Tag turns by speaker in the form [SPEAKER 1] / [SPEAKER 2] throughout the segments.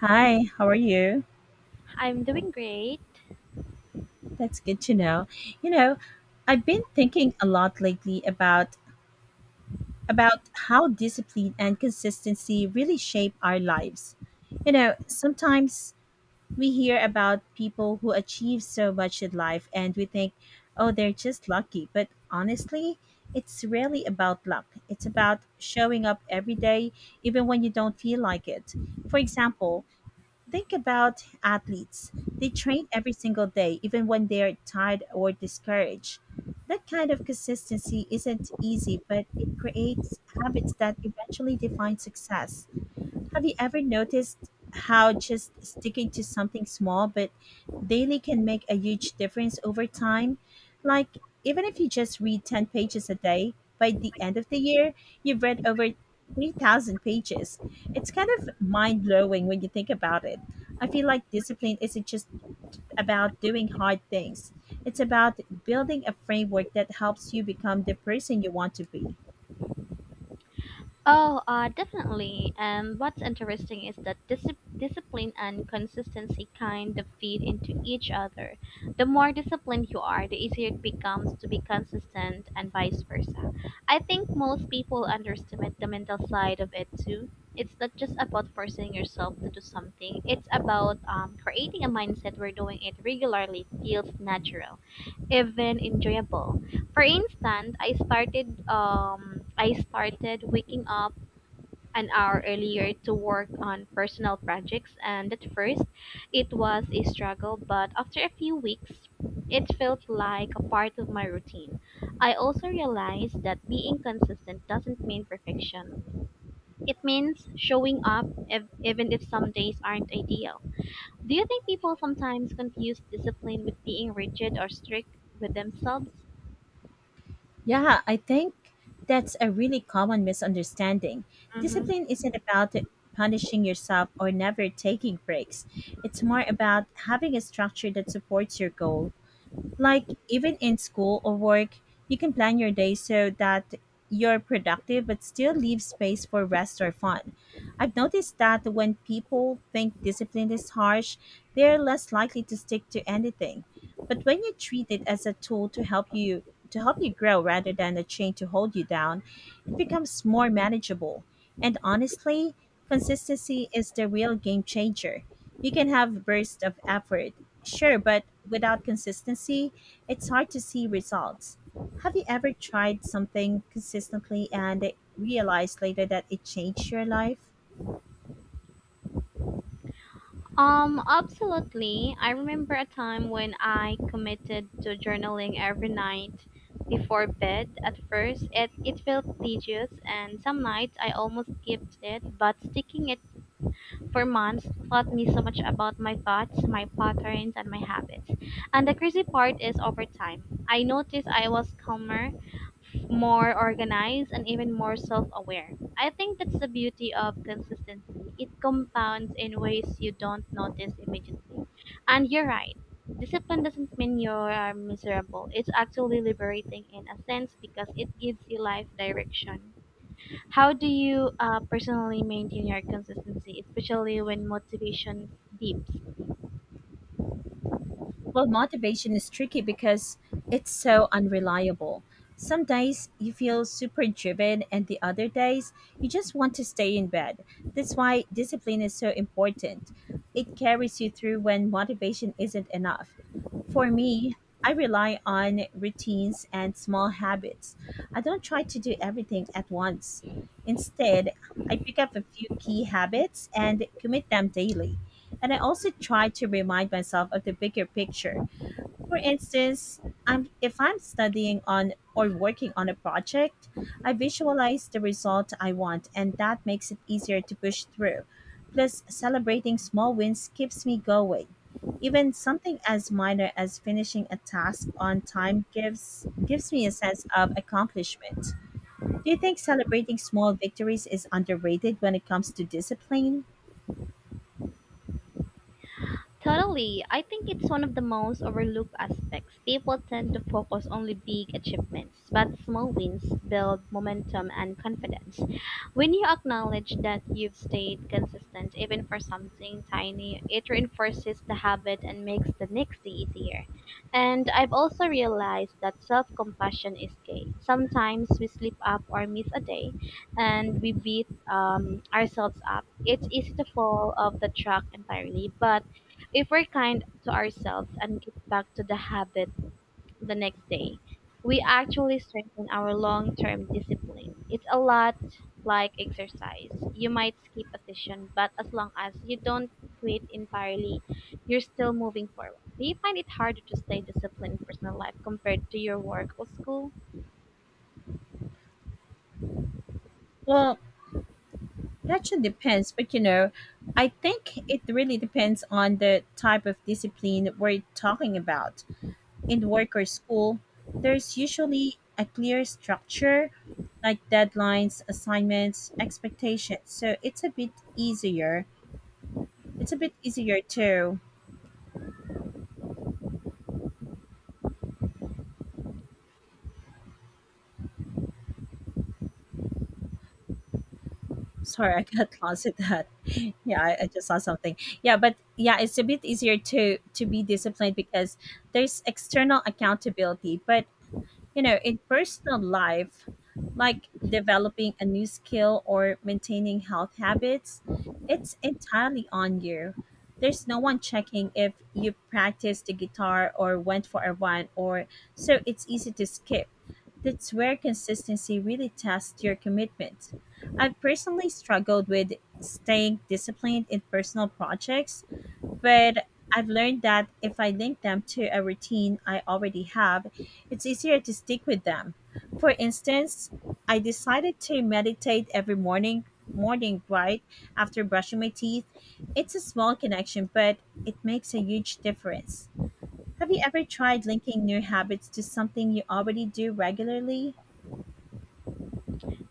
[SPEAKER 1] Hi, how are you?
[SPEAKER 2] I'm doing great.
[SPEAKER 1] That's good to know. You know, I've been thinking a lot lately about how discipline and consistency really shape our lives. Sometimes we hear about people who achieve so much in life and we think, "Oh, they're just lucky." But honestly, it's really about luck. It's about showing up every day even when you don't feel like it. For example, think about athletes. They train every single day, even when they are tired or discouraged. That kind of consistency isn't easy, but it creates habits that eventually define success. Have you ever noticed how just sticking to something small but daily can make a huge difference over time? Like, Even if you just read 10 pages a day, by the end of the year, you've read over 3,000 pages. It's kind of mind blowing when you think about it. I feel like discipline isn't just about doing hard things, it's about building a framework that helps you become the person you want to be.
[SPEAKER 2] Oh, Definitely. And what's interesting is that discipline and consistency kind of feed into each other. The more disciplined you are, the easier it becomes to be consistent, and vice versa. I think most people underestimate the mental side of it too. It's not just about forcing yourself to do something, it's about creating a mindset where doing it regularly feels natural. Even enjoyable. For instance, I started waking up an hour earlier to work on personal projects, and at first it was a struggle, but after a few weeks it felt like a part of my routine. I also realized that being consistent doesn't mean perfection. It means showing up if, even if some days aren't ideal. Do you think people sometimes confuse discipline with being rigid or strict with themselves?
[SPEAKER 1] Yeah, I think that's a really common misunderstanding.
[SPEAKER 2] Hmm.
[SPEAKER 1] Discipline isn't about punishing yourself or never taking breaks, it's more about having a structure that supports your goal. Even in school or work, you can plan your day so that you're productive but still leave space for rest or fun. I've noticed that when people think discipline is harsh, they're less likely to stick to anything. But when you treat it as a tool to help you grow rather than a chain to hold you down, it becomes more manageable. And honestly, consistency is the real game changer. You can have bursts of effort, sure, but without consistency, it's hard to see results. Have you ever tried something consistently and realized later that it changed your life?
[SPEAKER 2] Um, Absolutely. I remember a time when I committed to journaling every night before bed. At first, it felt tedious, and some nights I almost skipped it, but sticking it for months taught me so much about my thoughts, my patterns, and my habits. And the crazy part is, over time, I noticed I was calmer, more organized, and even more self aware. I think that's the beauty of consistency. It compounds in ways you don't notice immediately. And you're right. Discipline doesn't mean you're miserable. It's actually liberating in a sense because it gives you life direction. How do you personally maintain your consistency, especially when motivation dips?
[SPEAKER 1] Well, motivation is tricky because it's so unreliable. Some days you feel super driven, and the other days you just want to stay in bed. That's why discipline is so important. It carries you through when motivation isn't enough. For me, I rely on routines and small habits. I don't try to do everything at once. Instead, I pick up a few key habits and commit them daily. And I also try to remind myself of the bigger picture. For instance, if I'm studying on or working on a project, I visualize the result I want, and that makes it easier to push through. Plus, celebrating small wins keeps me going. Even something as minor as finishing a task on time gives me a sense of accomplishment. Do you think celebrating small victories is underrated when it comes to discipline?
[SPEAKER 2] Totally. I think it's one of the most overlooked aspects. People tend to focus on only big achievements, but small wins build momentum and confidence. When you acknowledge that you've stayed consistent even for something tiny, it reinforces the habit and makes the next day easier. And I've also realized that self-compassion is key. Sometimes we slip up or miss a day, and we beat ourselves up. It's easy to fall off the track entirely, but if we're kind to ourselves and get back to the habit the next day, we actually strengthen our long term discipline. It's a lot like exercise. You might skip a session, but as long as you don't quit entirely, you're still moving forward. Do you find it harder to stay disciplined in personal life compared to your work or school?
[SPEAKER 1] Well, that should depends, but I think it really depends on the type of discipline we're talking about. In work or school, there's usually a clear structure like deadlines, assignments, expectations. So it's a bit easier. It's a bit easier to sorry, I got lost at that. Yeah, I just saw something. Yeah, but yeah, it's a bit easier to be disciplined because there's external accountability. But in personal life, like developing a new skill or maintaining health habits, it's entirely on you. There's no one checking if you practiced the guitar or went for a run or so it's easy to skip. That's where consistency really tests your commitment. I've personally struggled with staying disciplined in personal projects but I've learned that if I link them to a routine I already have, it's easier to stick with them. For instance, I decided to meditate every morning, right after brushing my teeth. It's a small connection, but it makes a huge difference. Have you ever tried linking new habits to something you already do regularly?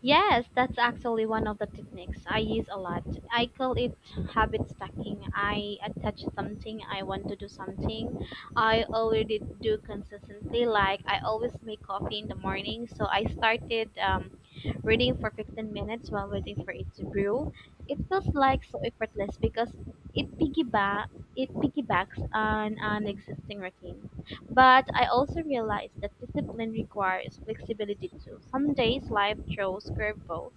[SPEAKER 2] Yes, that's actually one of the techniques I use a lot. I call it habit stacking. I attach something, I want to do something I already do consistently. Like, I always make coffee in the morning, so I started reading for 15 minutes while waiting for it to brew. It feels like so effortless because it piggyback it piggybacks on an existing routine. But I also realized that discipline requires flexibility too. Some days life throws curveballs,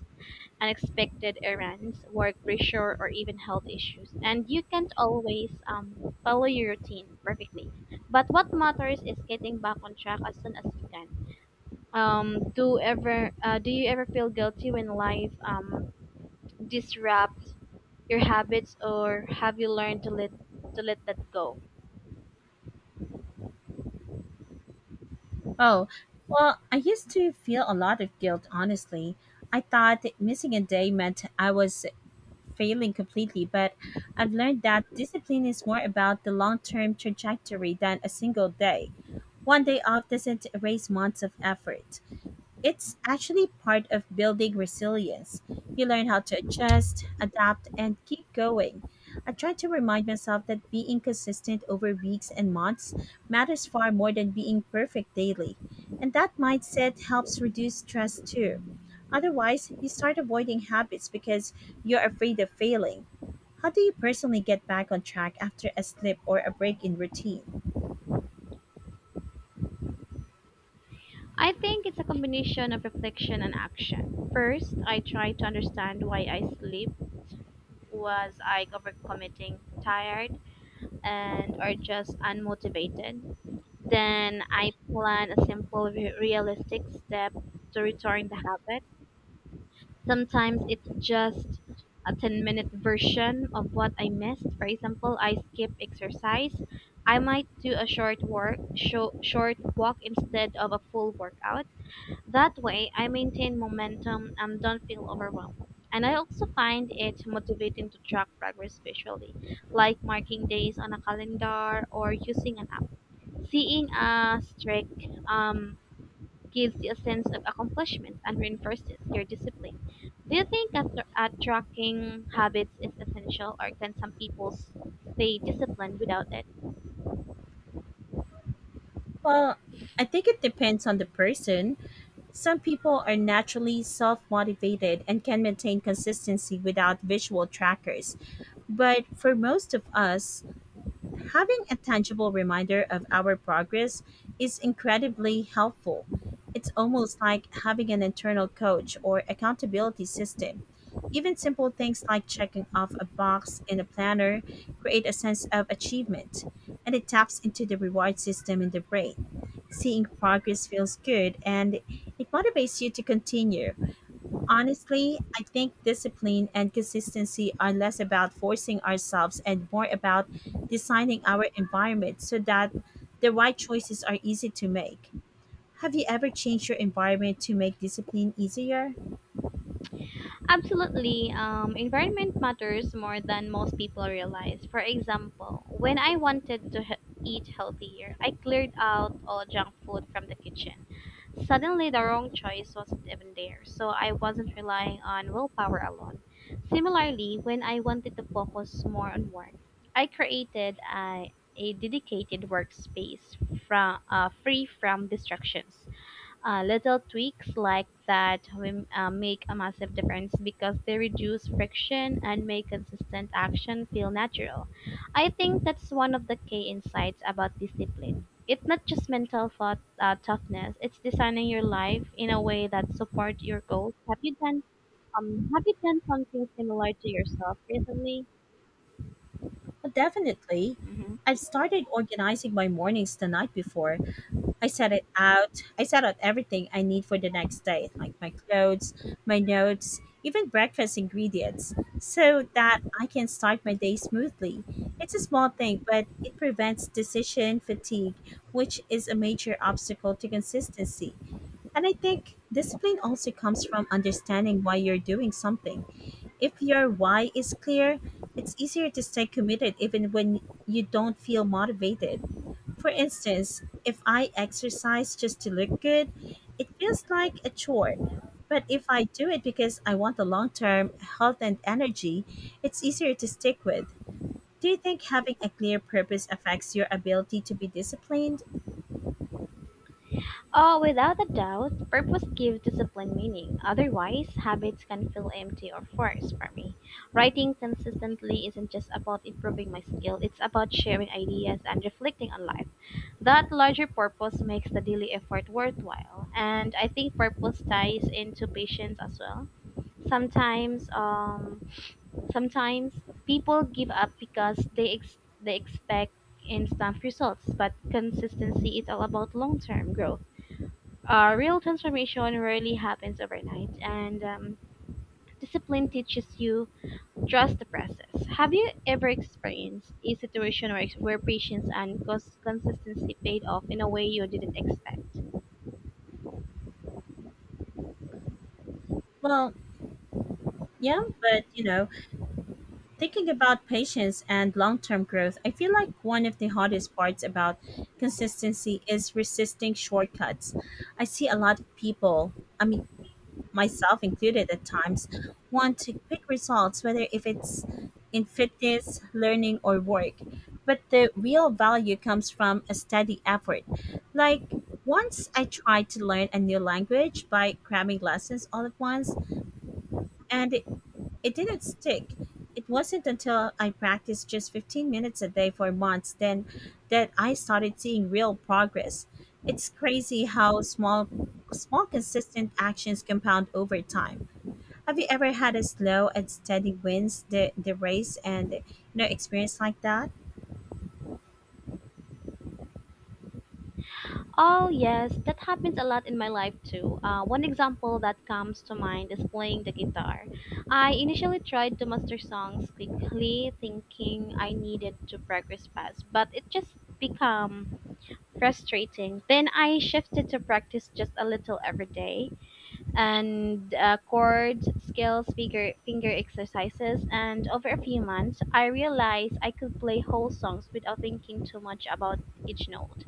[SPEAKER 2] unexpected errands, work pressure, or even health issues, and you can't always follow your routine perfectly. But what matters is getting back on track as soon as you can. Do you ever feel guilty when life disrupts your habits, or have you learned to let that go?
[SPEAKER 1] Oh, well, I used to feel a lot of guilt, honestly. I thought that missing a day meant I was failing completely, but I've learned that discipline is more about the long term trajectory than a single day. One day off doesn't erase months of effort. It's actually part of building resilience. You learn how to adjust, adapt, and keep going. I try to remind myself that being consistent over weeks and months matters far more than being perfect daily. And that mindset helps reduce stress too. Otherwise, you start avoiding habits because you're afraid of failing. How do you personally get back on track after a slip or a break in routine?
[SPEAKER 2] I think it's a combination of reflection and action. First, I try to understand why I sleep. Was I overcommitting, tired, and or just unmotivated? Then I plan a simple, realistic step to return the habit. Sometimes it's just a 10-minute version of what I missed. For example, I skip exercise. I might do a short walk instead of a full workout. That way, I maintain momentum and don't feel overwhelmed. And I also find it motivating to track progress visually, like marking days on a calendar or using an app. Seeing a streak um, gives you a sense of accomplishment and reinforces your discipline. Do you think that tracking habits is essential, or can some people stay disciplined without it?
[SPEAKER 1] Well, I think it depends on the person. Some people are naturally self motivated and can maintain consistency without visual trackers, but for most of us, having a tangible reminder of our progress is incredibly helpful. It's almost like having an internal coach or accountability system. Even simple things like checking off a box in a planner create a sense of achievement, and it taps into the reward system in the brain. Seeing progress feels good and it motivates you to continue. Honestly, I think discipline and consistency are less about forcing ourselves and more about designing our environment so that the right choices are easy to make. Have you ever changed your environment to make discipline easier?
[SPEAKER 2] Absolutely. Environment matters more than most people realize. For example, when I wanted to eat healthier, I cleared out all junk food from the kitchen. Suddenly, the wrong choice wasn't even there, so I wasn't relying on willpower alone. Similarly, when I wanted to focus more on work, I created a dedicated workspace free from distractions. Little tweaks like that make a massive difference because they reduce friction and make consistent action feel natural. I think that's one of the key insights about discipline. It's not just mental toughness; it's designing your life in a way that supports your goals. Have you done something similar to yourself recently?
[SPEAKER 1] Well, definitely. I've started organizing my mornings the night before. I set it out. I set out everything I need for the next day, like my clothes, my notes, even breakfast ingredients, so that I can start my day smoothly. It's a small thing, but it prevents decision fatigue, which is a major obstacle to consistency. And I think discipline also comes from understanding why you're doing something. If your why is clear, it's easier to stay committed even when you don't feel motivated. For instance, if I exercise just to look good, it feels like a chore. But if I do it because I want the long term health and energy, it's easier to stick with. Do you think having a clear purpose affects your ability to be disciplined?
[SPEAKER 2] Oh, without a doubt, purpose gives discipline meaning. Otherwise, habits can feel empty or forced. For me, writing consistently isn't just about improving my skill, it's about sharing ideas and reflecting on life. That larger purpose makes the daily effort worthwhile. And I think purpose ties into patience as well. Sometimes, um, sometimes, people give up because they expect instant results, but consistency is all about long-term growth. Real transformation rarely happens overnight, and discipline teaches you trust the process. Have you ever experienced a situation where patience and consistency paid off in a way you didn't expect?
[SPEAKER 1] Well, yeah, but thinking about patience and long term growth, I feel like one of the hardest parts about consistency is resisting shortcuts. I see a lot of people, I mean, myself included at times, want to quick results, whether if it's in fitness, learning, or work. But the real value comes from a steady effort. Like, once I tried to learn a new language by cramming lessons all at once, and it didn't stick. It wasn't until I practiced just 15 minutes a day for months then that I started seeing real progress. It's crazy how small consistent actions compound over time. Have you ever had a slow and steady wins the race and experience like that?
[SPEAKER 2] Oh, yes, that happens a lot in my life too. One example that comes to mind is playing the guitar. I initially tried to master songs quickly, thinking I needed to progress fast, but it just became frustrating. Then I shifted to practice just a little every day, and chords, skills, finger exercises. And over a few months, I realized I could play whole songs without thinking too much about each note.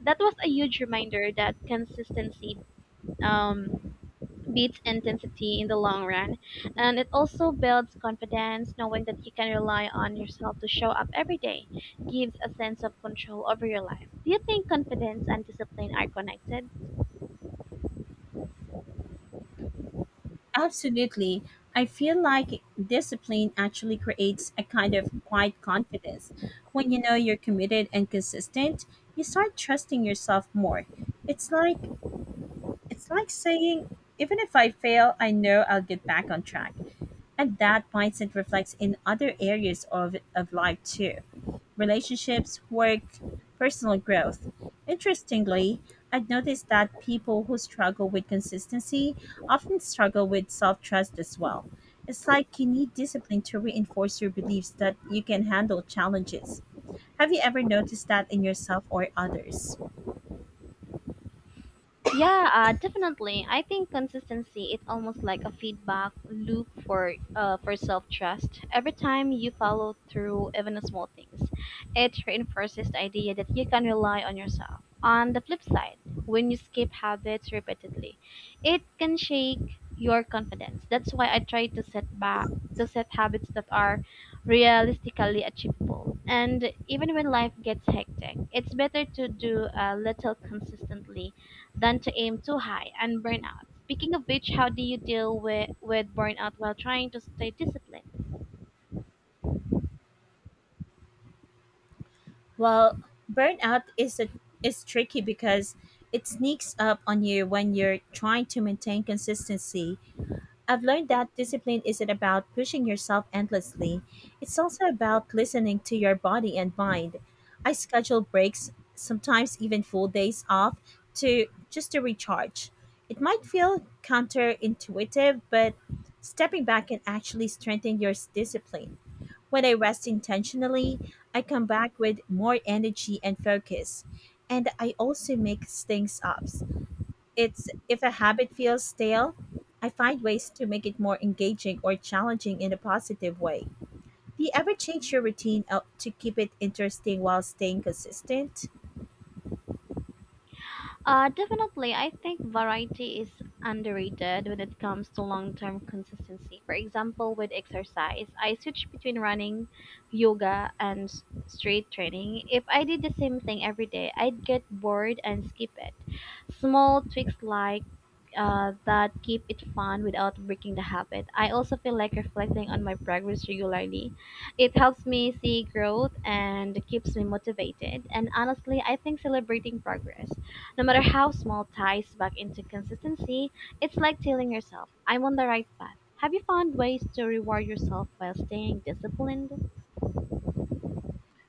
[SPEAKER 2] That was a huge reminder that consistency um, beats intensity in the long run. And it also builds confidence. Knowing that you can rely on yourself to show up every day gives a sense of control over your life. Do you think confidence and discipline are connected?
[SPEAKER 1] Absolutely. I feel like discipline actually creates a kind of quiet confidence. When you know you're committed and consistent, you start trusting yourself more. It's like it's like saying even if I fail, I know I'll get back on track. And that mindset reflects in other areas of life too, relationships, work, personal growth. Interestingly, I've noticed that people who struggle with consistency often struggle with self trust as well. It's like you need discipline to reinforce your beliefs that you can handle challenges. Have you ever noticed that in yourself or others?
[SPEAKER 2] Yeah, definitely. I think consistency, it's almost like a feedback loop for self trust. Every time you follow through, even on small things, it reinforces the idea that you can rely on yourself. On the flip side, when you skip habits repeatedly, it can shake your confidence. That's why I try to set back to set habits that are realistically achievable. And even when life gets hectic, it's better to do a little consistently than to aim too high and burn out. Speaking of which, how do you deal with burnout while trying to stay disciplined?
[SPEAKER 1] Well, burnout is a, is tricky because it sneaks up on you when you're trying to maintain consistency. I've learned that discipline isn't about pushing yourself endlessly. It's also about listening to your body and mind. I schedule breaks, sometimes even full days off, to recharge. It might feel counterintuitive, but stepping back can actually strengthen your discipline. When I rest intentionally, I come back with more energy and focus, and I also make things up. It's if a habit feels stale, I find ways to make it more engaging or challenging in a positive way. Do you ever change your routine up to keep it interesting while staying consistent?
[SPEAKER 2] Definitely, I think variety is underrated when it comes to long term consistency. For example, with exercise, I switch between running, yoga, and straight training. If I did the same thing every day, I'd get bored and skip it. Small tweaks that keep it fun without breaking the habit. I also feel like reflecting on my progress regularly, it helps me see growth and keeps me motivated. And honestly, I think celebrating progress, no matter how small, ties back into consistency. It's like telling yourself, I'm on the right path. Have you found ways to reward yourself while staying disciplined?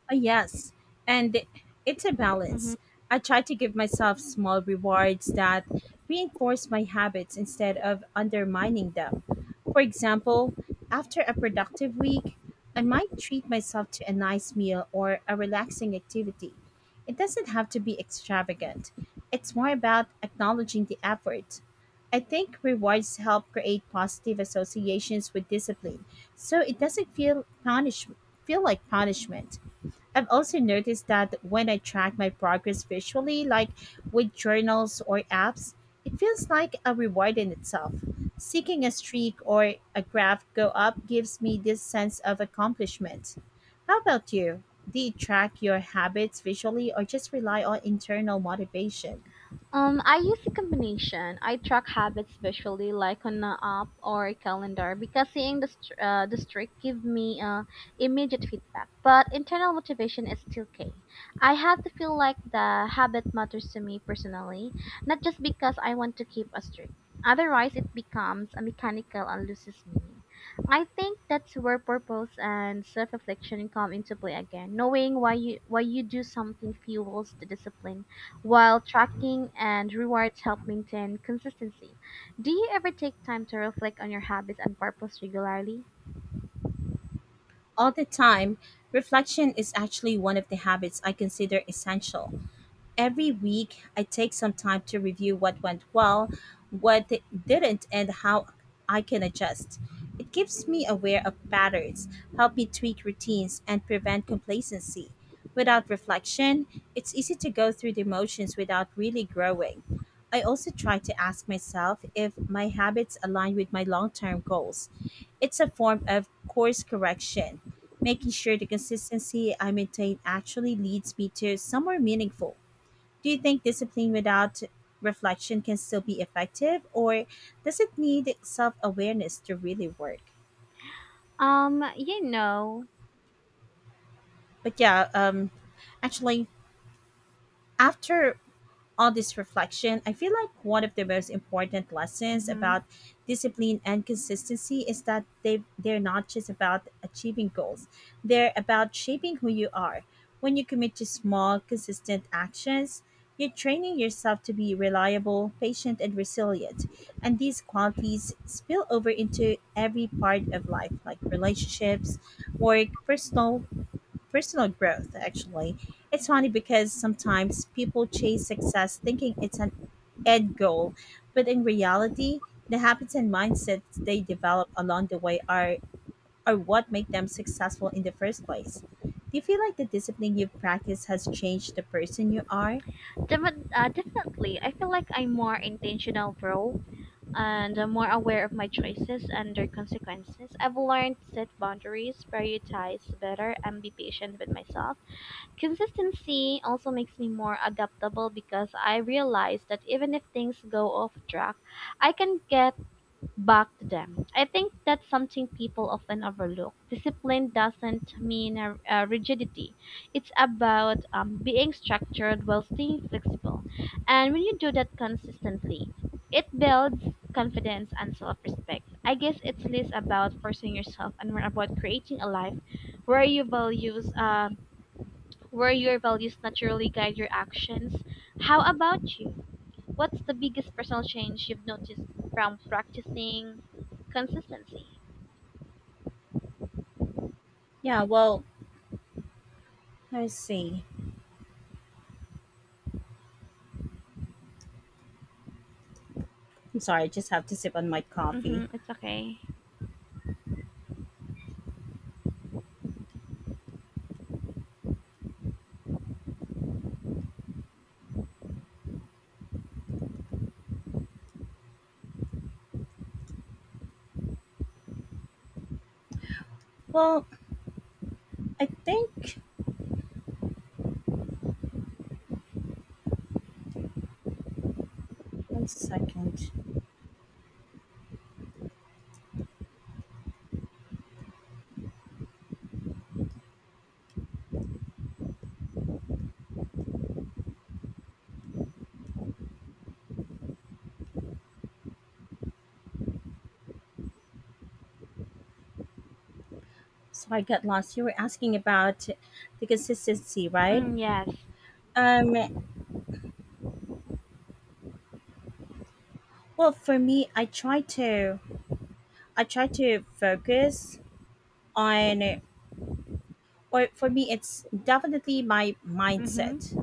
[SPEAKER 1] Yes, and it's a balance. I try to give myself small rewards that reinforce my habits instead of undermining them. For example, after a productive week, I might treat myself to a nice meal or a relaxing activity. It doesn't have to be extravagant, it's more about acknowledging the effort. I think rewards help create positive associations with discipline, so it doesn't feel like punishment. I've also noticed that when I track my progress visually, like with journals or apps, it feels like a reward in itself. Seeing a streak or a graph go up gives me this sense of accomplishment. How about you? Do you track your habits visually or just rely on internal motivation?
[SPEAKER 2] I use a combination. I track habits visually, like on an app or a calendar, because seeing the the streak give me immediate feedback. But internal motivation is still key. I have to feel like the habit matters to me personally, not just because I want to keep a streak. Otherwise, it becomes a mechanical and loses meaning. I think that's where purpose and self-reflection come into play again. Knowing why you do something fuels the discipline, while tracking and rewards help maintain consistency. Do you ever take time to reflect on your habits and purpose regularly?
[SPEAKER 1] All the time, reflection is actually one of the habits I consider essential. Every week I take some time to review what went well, what didn't, and how I can adjust. It keeps me aware of patterns, help me tweak routines, and prevent complacency. Without reflection, it's easy to go through the motions without really growing. I also try to ask myself if my habits align with my long term goals. It's a form of course correction, making sure the consistency I maintain actually leads me to somewhere meaningful. Do you think discipline without reflection can still be effective, or does it need self awareness to really work?
[SPEAKER 2] Um, you know,
[SPEAKER 1] But yeah, actually, after all this reflection, I feel like one of the most important lessons
[SPEAKER 2] hmm.
[SPEAKER 1] about discipline and consistency is that they're not just about achieving goals. They're about shaping who you are. When you commit to small, consistent actions, you're training yourself to be reliable, patient, and resilient. And these qualities spill over into every part of life, like relationships, work, personal growth actually. It's funny because sometimes people chase success thinking it's an end goal, but in reality the habits and mindsets they develop along the way are what make them successful in the first place. Do you feel like the discipline you've practiced has changed the person you are?
[SPEAKER 2] Definitely. I feel like I'm more intentional, bro, and I'm more aware of my choices and their consequences. I've learned to set boundaries, prioritize better, and be patient with myself. Consistency also makes me more adaptable because I realize that even if things go off track, I can get backed them. I think that's something people often overlook. Discipline doesn't mean a rigidity, it's about being structured while staying flexible. And when you do that consistently, it builds confidence and self respect. I guess it's less about forcing yourself and more about creating a life where your where your values naturally guide your actions. How about you? What's the biggest personal change you've noticed from practicing consistency?
[SPEAKER 1] Yeah, well, let's see. I'm sorry, I just have to sip on my coffee.
[SPEAKER 2] Mm-hmm, it's okay.
[SPEAKER 1] Well, I think, one second. So I got lost. You were asking about the consistency, right?
[SPEAKER 2] Mm, yes.
[SPEAKER 1] Um, well, for me, I try to focus on, or for me, it's definitely my mindset.
[SPEAKER 2] Mm-hmm.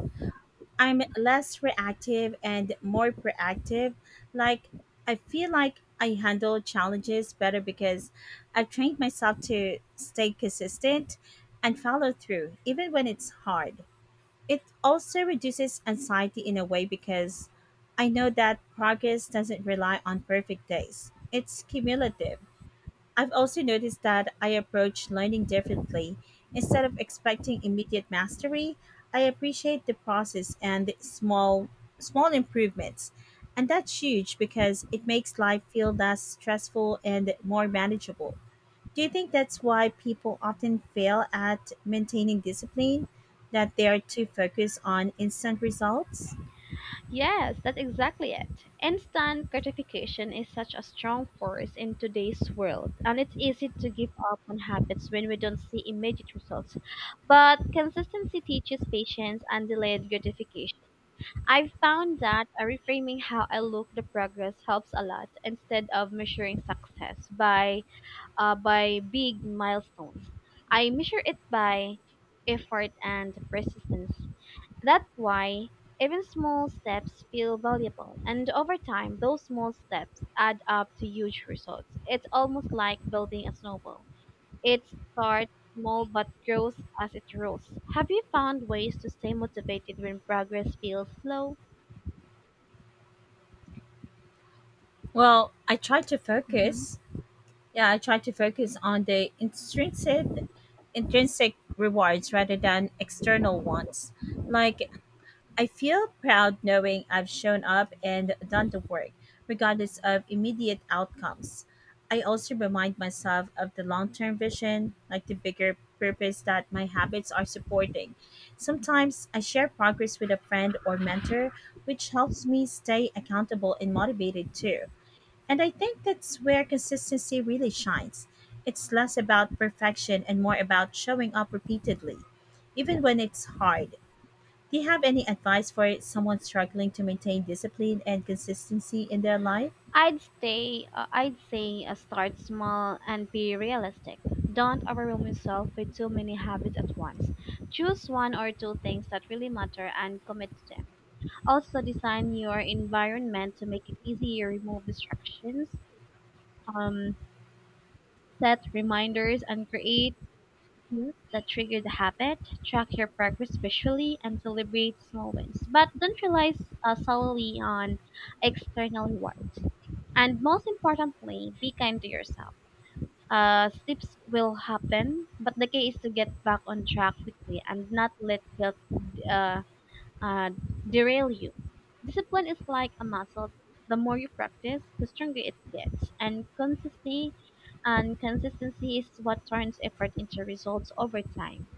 [SPEAKER 1] I'm less reactive and more proactive. Like, I feel like I handle challenges better because I've trained myself to stay consistent and follow through, even when it's hard. It also reduces anxiety in a way because I know that progress doesn't rely on perfect days. It's cumulative. I've also noticed that I approach learning differently. Instead of expecting immediate mastery, I appreciate the process and small improvements. And that's huge because it makes life feel less stressful and more manageable. Do you think that's why people often fail at maintaining discipline? That they are too focused on instant results?
[SPEAKER 2] Yes, that's exactly it. Instant gratification is such a strong force in today's world, and it's easy to give up on habits when we don't see immediate results. But consistency teaches patience and delayed gratification. I've found that reframing how I look the progress helps a lot, instead of measuring success by big milestones. I measure it by effort and persistence. That's why even small steps feel valuable, and over time, those small steps add up to huge results. It's almost like building a snowball. It starts small but grows as it grows. Have you found ways to stay motivated when progress feels slow?
[SPEAKER 1] Well, I try to
[SPEAKER 2] Mm-hmm.
[SPEAKER 1] focus. Yeah, I try to focus on the intrinsic rewards rather than external ones, like, I feel proud knowing I've shown up and done the work, regardless of immediate outcomes. I also remind myself of the long term vision, like the bigger purpose that my habits are supporting. Sometimes I share progress with a friend or mentor, which helps me stay accountable and motivated too. And I think that's where consistency really shines. It's less about perfection and more about showing up repeatedly, even when it's hard. Do you have any advice for someone struggling to maintain discipline and consistency in their life?
[SPEAKER 2] I'd stay. I'd say start small and be realistic. Don't overwhelm yourself with too many habits at once. Choose one or two things that really matter and commit to them. Also, design your environment to make it easier. Remove distractions. Um, Set reminders and create cues that trigger the habit. Track your progress visually and celebrate small wins. But don't rely solely on external rewards. And most importantly, be kind to yourself. Slips will happen, but the key is to get back on track quickly and not let guilt uh, uh, derail you. Discipline is like a muscle. The more you practice, the stronger it gets. And consistency is what turns effort into results over time.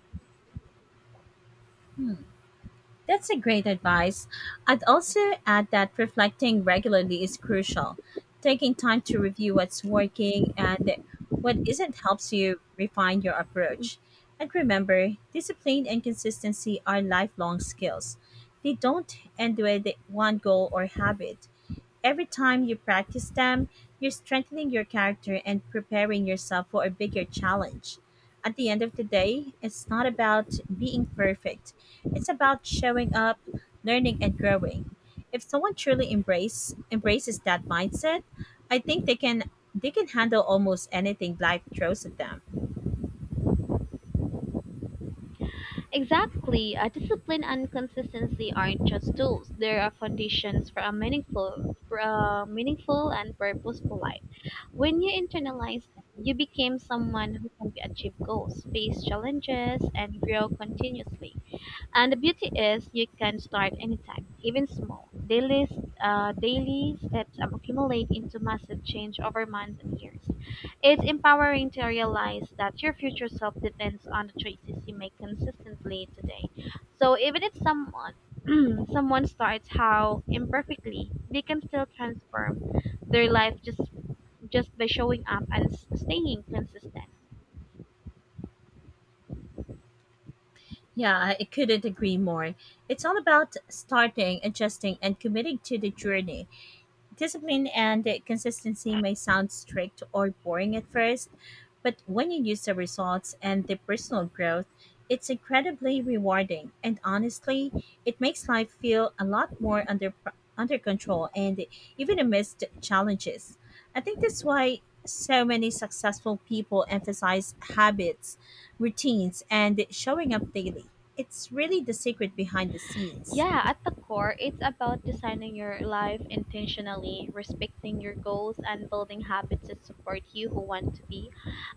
[SPEAKER 1] That's a great advice. I'd also add that reflecting regularly is crucial. Taking time to review what's working and what isn't helps you refine your approach. And remember, discipline and consistency are lifelong skills. They don't end with one goal or habit. Every time you practice them, you're strengthening your character and preparing yourself for a bigger challenge. At the end of the day, it's not about being perfect, it's about showing up, learning, and growing. If someone truly embraces that mindset, I think they can handle almost anything life throws at them.
[SPEAKER 2] Exactly. Discipline and consistency aren't just tools. They are foundations for a meaningful and purposeful life. When you internalize them, you become someone who can achieve goals, face challenges, and grow continuously. And the beauty is you can start anytime, even small. Daily steps accumulate into massive change over months and years. It's empowering to realize that your future self depends on the choices you make consistently today. So even if someone someone starts how imperfectly, they can still transform their life just by showing up and staying consistent.
[SPEAKER 1] Yeah, I couldn't agree more. It's all about starting, adjusting, and committing to the journey. Discipline and consistency may sound strict or boring at first, but when you use the results and the personal growth, it's incredibly rewarding. And honestly, it makes life feel a lot more under control and even amidst challenges. I think that's why so many successful people emphasize habits, routines, and showing up daily. It's really the secret behind the scenes.
[SPEAKER 2] Yeah, at the core, it's about designing your life intentionally, respecting your goals, and building habits that support you who want to be.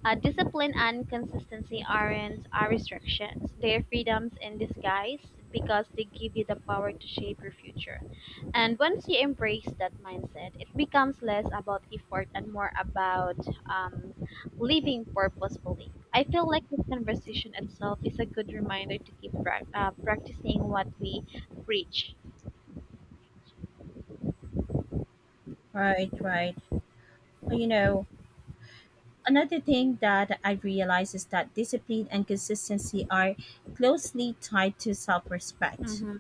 [SPEAKER 2] Discipline and consistency aren't are restrictions, they're freedoms in disguise because they give you the power to shape your future. And once you embrace that mindset, it becomes less about effort and more about um, living purposefully. I feel like this conversation itself is a good reminder to keep practicing what we reach.
[SPEAKER 1] Right, right. You know, another thing that I realized is that discipline and consistency are closely tied to self respect.
[SPEAKER 2] Mm-hmm.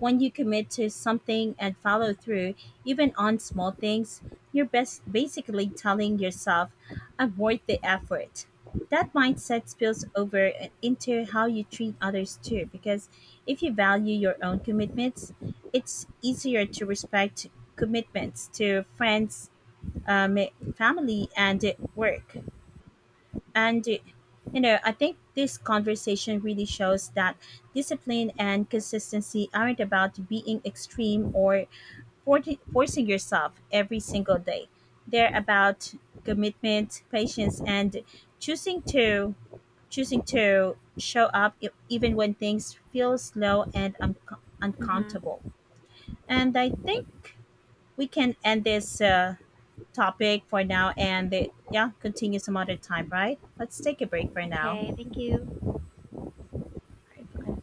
[SPEAKER 1] When you commit to something and follow through, even on small things, you're best basically telling yourself, I'm worth the effort. That mindset spills over into how you treat others too, because if you value your own commitments, it's easier to respect commitments to friends, um, family, and work. And, I think this conversation really shows that discipline and consistency aren't about being extreme or forcing yourself every single day. They're about commitment, patience, and choosing to choosing to show up, even when things feel slow and
[SPEAKER 2] Mm-hmm.
[SPEAKER 1] uncomfortable. And I think we can end this topic for now, and yeah, continue some other time, right? Let's take a break for now.
[SPEAKER 2] Okay, thank you.
[SPEAKER 1] I